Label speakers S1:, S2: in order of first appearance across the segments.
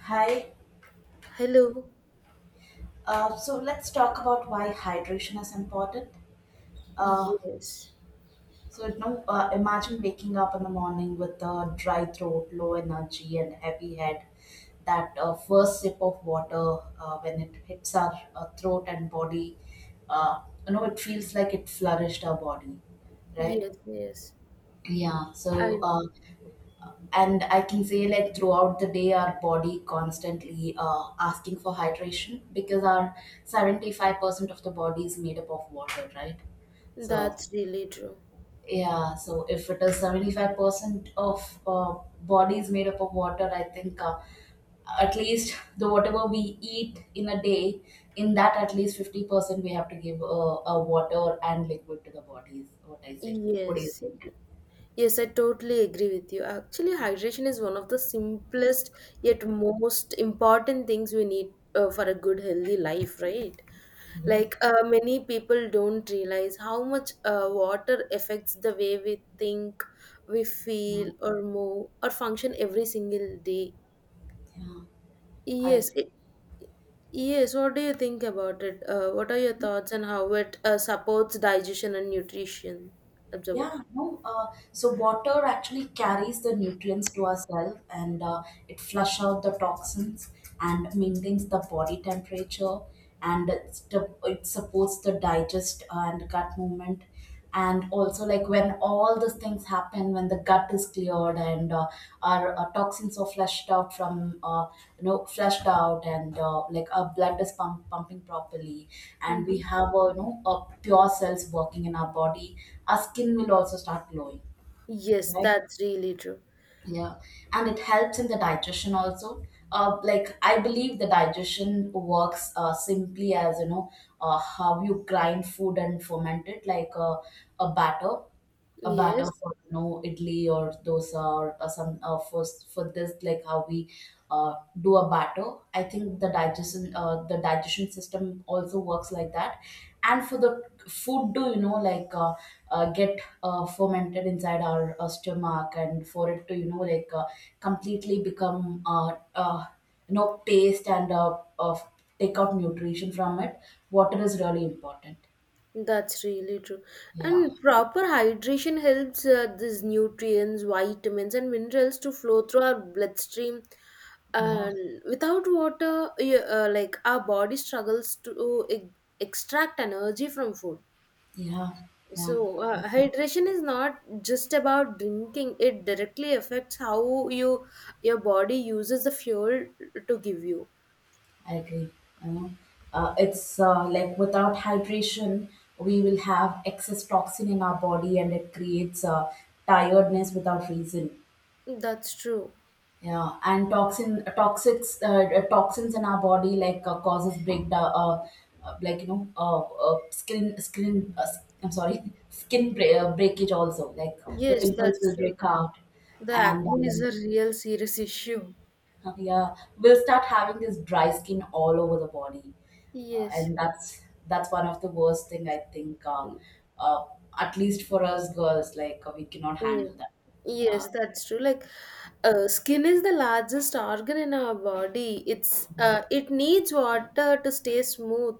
S1: Hi.
S2: Hello.
S1: So let's talk about why hydration is important. Uh,
S2: Yes.
S1: so imagine waking up in the morning with a dry throat, low energy, and heavy head. That first sip of water, when it hits our throat and body, uh, it feels like it flourished our body, right?
S2: Yes, yes.
S1: Yeah. So
S2: I
S1: uh, and I can say like throughout the day our body constantly asking for hydration because our 75% of the body is made up of water, right? So
S2: That's really true.
S1: yeah, so if it is 75% of body is made up of water, I think at least the whatever we eat in a day, in that at least 50% we have to give a water and liquid to the body is what I say. What do you
S2: Yes.
S1: think?
S2: Yes, I totally agree with you. Actually, hydration is one of the simplest yet most important things we need for a good healthy life, right?
S1: Yes.
S2: Like many people don't realize how much water affects the way we think, we
S1: Yeah.
S2: feel or move or function every single day.
S1: Yeah. I
S2: Yes,
S1: agree.
S2: it, Yes, what do you think about it? What are your thoughts on how it supports digestion and nutrition? Observe.
S1: Yeah, no. So water actually carries the nutrients to ourselves, and it flush out the toxins and maintains the body temperature, and it supports the digest and gut movement, and also like when all these things happen, when the gut is cleared and our toxins are flushed out from you know flushed out and like our blood is pumping properly, and we
S2: Mm-hmm.
S1: have a you know a pure cells working in our body. Our skin will also start glowing,
S2: Yes,
S1: right?
S2: that's really true.
S1: Yeah. And it helps in the digestion also. Like, I believe the digestion works simply as you know how you grind food and ferment it, like a batter a batter
S2: Yes,
S1: for you know idli or dosa, or some for this, like how we uh, do a batter. I think the digestion system also works like that. And for the food to you know like get fermented inside our stomach, and for it to you know like completely become taste and take out nutrition from it. Water is really important.
S2: that's really true.
S1: Yeah,
S2: And proper hydration helps these nutrients, vitamins, and minerals to flow through our bloodstream.
S1: yeah,
S2: And without water, like our body struggles to extract energy from food.
S1: yeah, yeah,
S2: So, hydration is not just about drinking. It directly affects how your body uses the fuel to give you.
S1: I agree. You know, it's like without hydration we will have excess toxin in our body and it creates tiredness without reason.
S2: That's true.
S1: Yeah. And toxins in our body, like causes breakdown, skin. I'm sorry, breakage also. Like the
S2: Yes,
S1: pimples
S2: that's
S1: will
S2: true.
S1: break out,
S2: The
S1: and
S2: acne is a real serious issue.
S1: yeah, we'll start having this dry skin all over the body,
S2: Yes.
S1: and that's one of the worst thing I think. Uh, at least for us girls, like we cannot
S2: Yes.
S1: handle that. Uh,
S2: Yes, that's true. Like, skin is the largest organ in our body. It's
S1: yeah,
S2: uh, it needs water to stay smooth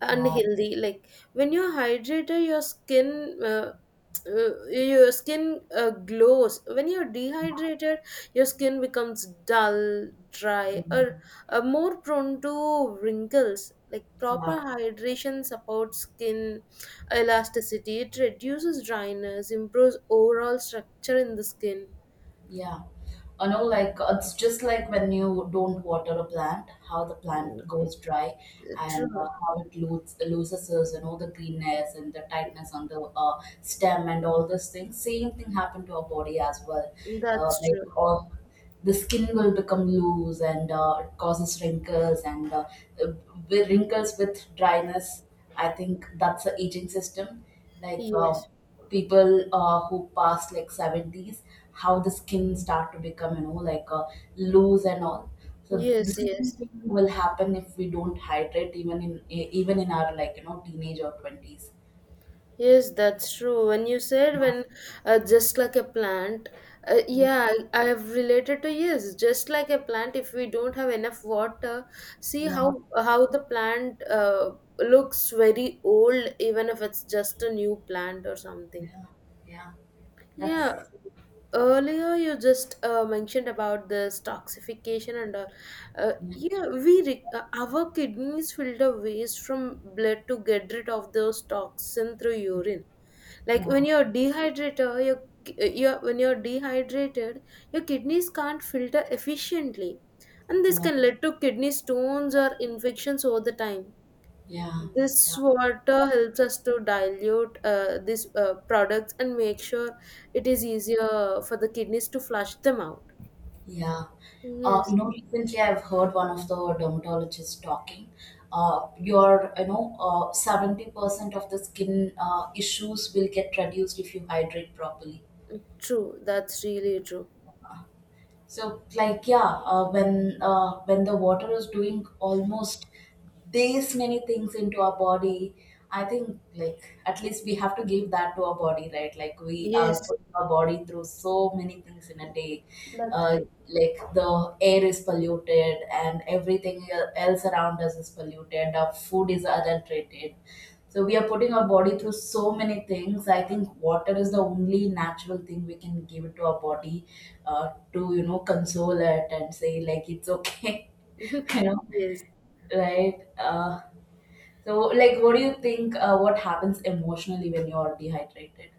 S2: and
S1: yeah.
S2: healthy. Like when you're hydrated, your skin glows. When you're dehydrated, your skin becomes dull, dry, or
S1: Mm,
S2: more prone to wrinkles. Like proper
S1: yeah.
S2: hydration supports skin elasticity, it reduces dryness, improves overall structure in the skin.
S1: Yeah. I know, like, it's just like when you don't water a plant, how the plant goes dry,
S2: True,
S1: and how it loses its, you know, the greenness and the tightness on the stem and all those things. Same thing happened to our body as well.
S2: that's
S1: Like,
S2: true.
S1: all the skin will become loose and it causes wrinkles and uh, with wrinkles, with dryness. I think that's the aging system. Like,
S2: Yes,
S1: people who pass like seventies, how the skin start to become you know like loose and all. So
S2: yes,
S1: the
S2: yes.
S1: same thing will happen if we don't hydrate even in even in our, like you know, teenage or twenties.
S2: Yes, that's true. When you said when Just like a plant,
S1: Yeah.
S2: yeah, I have related to, yes, just like a plant. If we don't have enough water, see how
S1: Yeah.
S2: the plant looks very old, even if it's just a new plant or something.
S1: Yeah. Yeah. That's
S2: Yeah, earlier you just mentioned about this toxification and all.
S1: Yeah.
S2: Yeah, our kidneys filter waste from blood to get rid of those toxin through urine. Like
S1: Yeah.
S2: when you're dehydrated, your your when you're dehydrated your kidneys can't filter efficiently, and this can lead to kidney stones or infections over the time.
S1: Yeah.
S2: This
S1: Yeah.
S2: water helps us to dilute these products and make sure it is easier for the kidneys to flush them out.
S1: Yeah.
S2: Yes.
S1: You know, recently I've heard one of the dermatologists talking. 70% of the skin issues will get reduced if you hydrate properly.
S2: True, that's really true.
S1: So, like, yeah, when the water is doing almost these many things into our body, I think like at least we have to give that to our body, right? Like we are
S2: Yes,
S1: putting our body through so many things in a day.
S2: that's
S1: Uh, like, the air is polluted and everything else around us is polluted. Our food is adulterated. So we are putting our body through so many things. I think water is the only natural thing we can give it to our body to you know console it and say like it's okay.
S2: true.
S1: you know
S2: Yes,
S1: right. So, like, what do you think, what happens emotionally when you're dehydrated?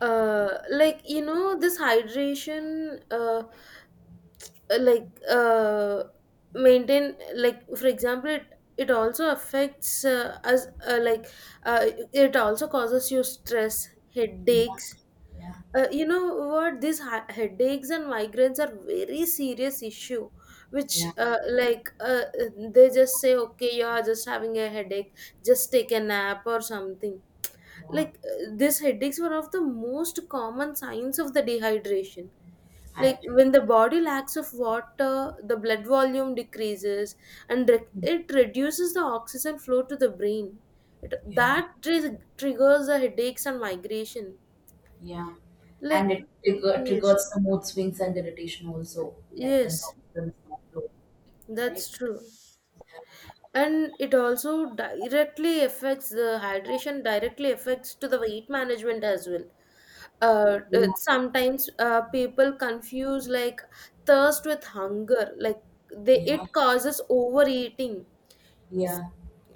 S2: like you know, this hydration like uh, maintain like for example, it also affects us like uh, it also causes you stress,
S1: Yeah,
S2: headaches.
S1: yeah,
S2: You know what, these headaches and migraines are very serious issue, which
S1: yeah,
S2: they just say okay, you are just having a headache, just take a nap or something.
S1: yeah,
S2: Like these headaches were of the most common signs of the dehydration.
S1: I
S2: Like
S1: agree.
S2: when the body lacks of water, the blood volume decreases, and it reduces the oxygen flow to the brain. it,
S1: Yeah,
S2: that tri- triggers the headaches and migration.
S1: yeah. And
S2: like
S1: it
S2: yes,
S1: triggers the mood swings and irritation also, like when the
S2: yes,
S1: oxygen is not low, right?
S2: that's true. And it also directly affects the hydration directly affects to the weight management as well.
S1: Yeah,
S2: Sometimes people confuse like thirst with hunger. Like they
S1: yeah,
S2: it causes overeating,
S1: yeah,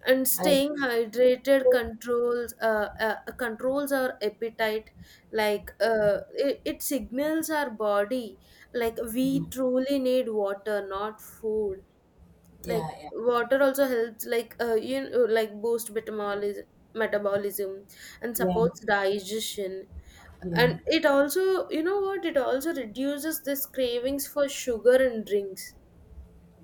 S2: and
S1: I
S2: staying
S1: agree.
S2: hydrated controls controls our appetite. Like it signals our body like we
S1: Mm,
S2: truly need water, not food.
S1: yeah,
S2: Like
S1: yeah,
S2: water also helps, like you know, like boost metabolism and
S1: yeah,
S2: supports digestion.
S1: yeah,
S2: And it also, you know what, it also reduces this cravings for sugar and drinks.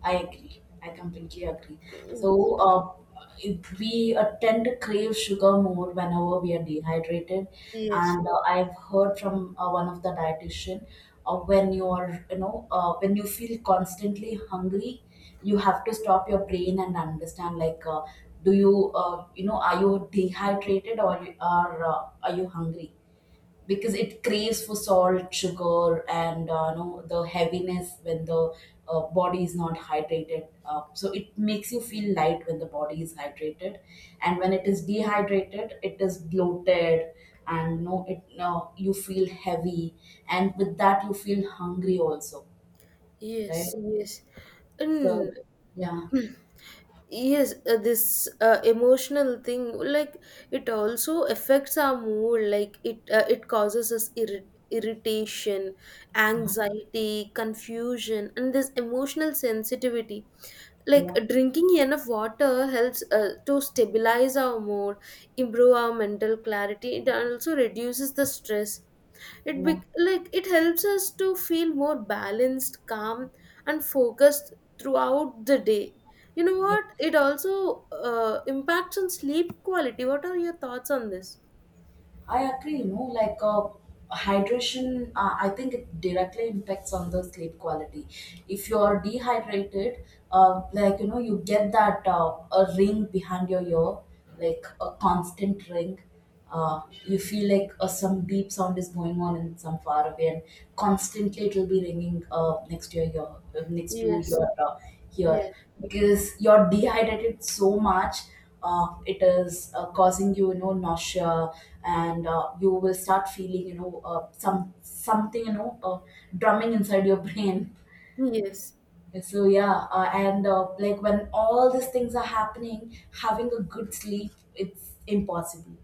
S1: I agree. I completely agree. So,
S2: Mhm.
S1: we tend to crave sugar more whenever we are dehydrated,
S2: Yes.
S1: and I've heard from one of the dietitian, when you feel constantly hungry, you have to stop your brain and understand like, do you, you know, are you dehydrated, or you are you hungry? Because it craves for salt, sugar, and you know the heaviness when the body is not hydrated. So it makes you feel light when the body is hydrated, and when it is dehydrated, it is bloated, and no, it you feel heavy, and with that you feel hungry also, right?
S2: Yes, yes. And
S1: So yeah,
S2: yes, this emotional thing, like it also affects our mood. Like it causes us irritation,
S1: yeah,
S2: anxiety, confusion, and this emotional sensitivity. Like
S1: yeah,
S2: drinking enough water helps to stabilize our mood, improve our mental clarity. It also reduces the stress. It be Like it helps us to feel more balanced, calm, and focused throughout the day. You know
S1: yeah.
S2: what, it also impacts on sleep quality. What are your thoughts on this?
S1: I agree, you know, like, hydration, I think it directly impacts on the sleep quality. If you're dehydrated, like, you know, you get that a ring behind your ear, like a constant ring. You feel like some deep sound is going on in some far away, and constantly it will be ringing next to your ear,
S2: Yes,
S1: ear,
S2: yes,
S1: because you're dehydrated so much, it is causing you, you know, nausea, and you will start feeling, you know, something, you know, drumming inside your brain.
S2: yes,
S1: So yeah. And Like, when all these things are happening, having a good sleep, it's impossible.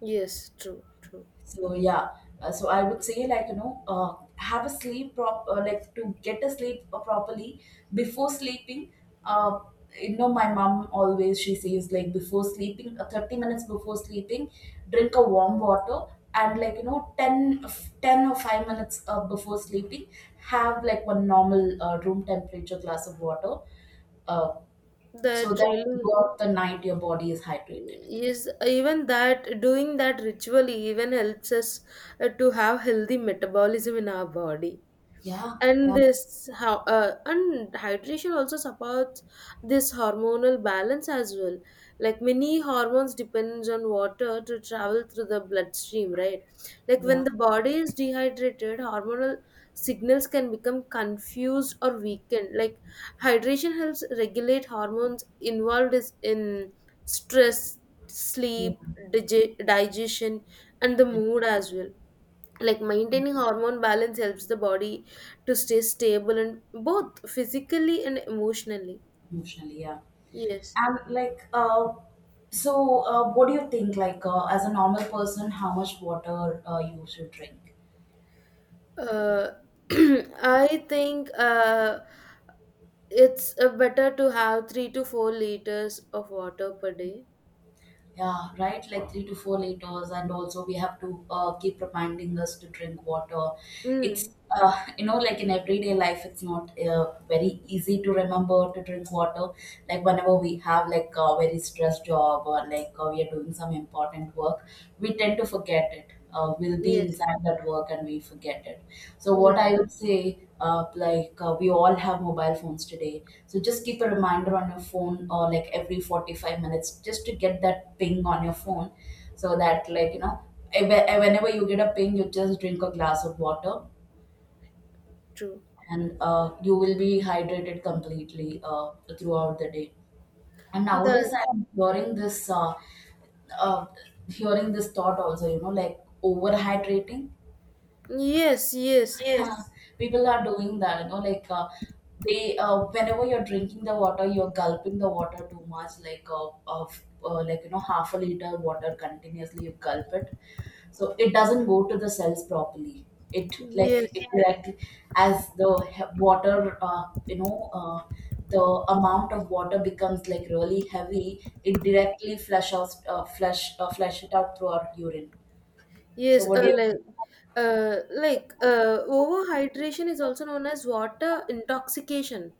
S2: yes. True, true.
S1: So yeah, so I would say like you know, have a sleep prop like, to get a sleep properly before sleeping. Uh, you know, my mom always she says like before sleeping, 30 minutes before sleeping, drink a warm water, and like you know 10 or 5 minutes before sleeping, have like one normal room temperature glass of water. Uh, so
S2: That
S1: that
S2: really
S1: throughout the night your body is hydrated.
S2: is. Even that, doing that ritually, even helps us to have healthy metabolism in our body.
S1: Yeah,
S2: And
S1: yeah,
S2: this how, and hydration also supports this hormonal balance as well. Like many hormones depends on water to travel through the bloodstream, right? Like
S1: yeah,
S2: when the body is dehydrated, hormonal signals can become confused or weakened. Like hydration helps regulate hormones involved is in stress, sleep,
S1: yeah,
S2: digestion, and the
S1: yeah.
S2: mood as well. Like maintaining hormone balance helps the body to stay stable and both physically and emotionally.
S1: Emotionally, yeah.
S2: Yes.
S1: And like, what do you think? Like, as a normal person, how much water you should drink?
S2: uh, I think it's better to have 3 to 4 liters of water per day.
S1: Yeah, right. Like 3 to 4 liters, and also we have to keep reminding us to drink water. It's
S2: Mm.
S1: like in everyday life, it's not very easy to remember to drink water. Like whenever we have like a very stressed job, or like we are doing some important work, we tend to forget it. We'll be
S2: Yes,
S1: inside that work and we forget it. So what I
S2: yes,
S1: would say, like we all have mobile phones today. So just keep a reminder on your phone, or like every 45 minutes, just to get that ping on your phone, so that like you know, eh, whenever you get a ping, you just drink a glass of water,
S2: true
S1: and you will be hydrated completely throughout the day. And
S2: that.
S1: nowadays, I'm uh, hearing this thought also. You know, like overhydrating.
S2: Yes, yes,
S1: Yes, people are doing that, you know, like they whenever you're drinking the water, you're gulping the water too much, like of like you know half a liter water continuously you gulp it, so it doesn't go to the cells properly. It like
S2: yes.
S1: it directly, as the he- water, the amount of water becomes like really heavy. It directly flush it out through our urine. So
S2: Yes,
S1: what do, yeah, you think?
S2: like overhydration is also known as water intoxication.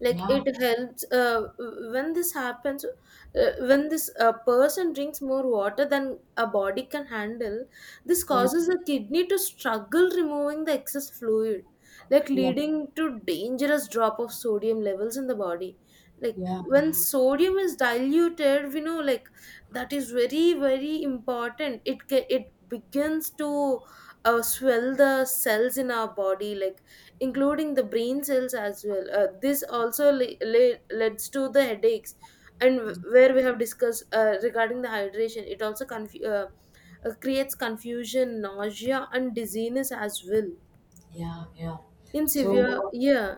S2: Like
S1: Yeah,
S2: it helps When this happens, when this person drinks more water than a body can handle, this
S1: yeah,
S2: causes the kidney to struggle removing the excess fluid, like
S1: yeah,
S2: leading to dangerous drop of sodium levels in the body. Like
S1: yeah,
S2: when
S1: yeah.
S2: sodium is diluted, we know like that is very, very important. It begins to swell the cells in our body, like including the brain cells as well. This also leads to the headaches. And where we have discussed regarding the hydration, it also creates confusion, nausea, and dizziness as well.
S1: Yeah, yeah.
S2: In severe,
S1: So,
S2: yeah.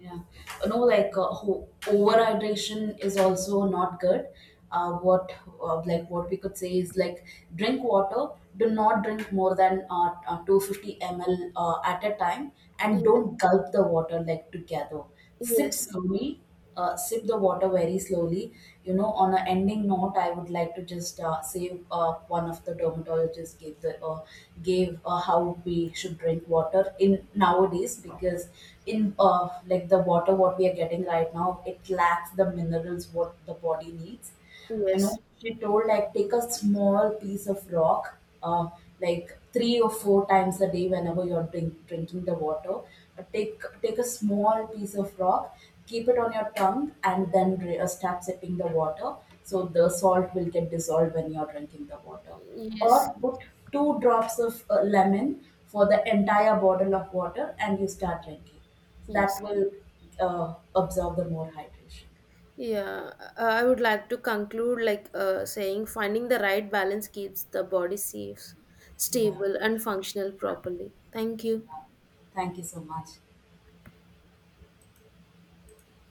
S1: yeah, you know, like overhydration is also not good. What Like, what we could say is like, drink water. Do not drink more than 250 mL at a time, and don't gulp the water like together. Sip
S2: Yes,
S1: slowly, sip the water very slowly. You know, on an ending note, I would like to just say one of the dermatologists gave the gave how we should drink water in nowadays, because in like the water what we are getting right now, it lacks the minerals what the body needs.
S2: yes,
S1: You know,
S2: yes,
S1: she told like, take a small piece of rock uh, like three or four times a day whenever you're drinking the water. Take a small piece of rock, keep it on your tongue, and then start sipping the water so the salt will get dissolved when you're drinking the water. Or put two drops of lemon for the entire bottle of water and you start drinking. That
S2: yes, yes.
S1: will uh, absorb the more hydration.
S2: Yeah, I would like to conclude, like saying finding the right balance keeps the body safe,
S1: Yeah.
S2: stable, and functional properly. Thank you.
S1: Thank you so much.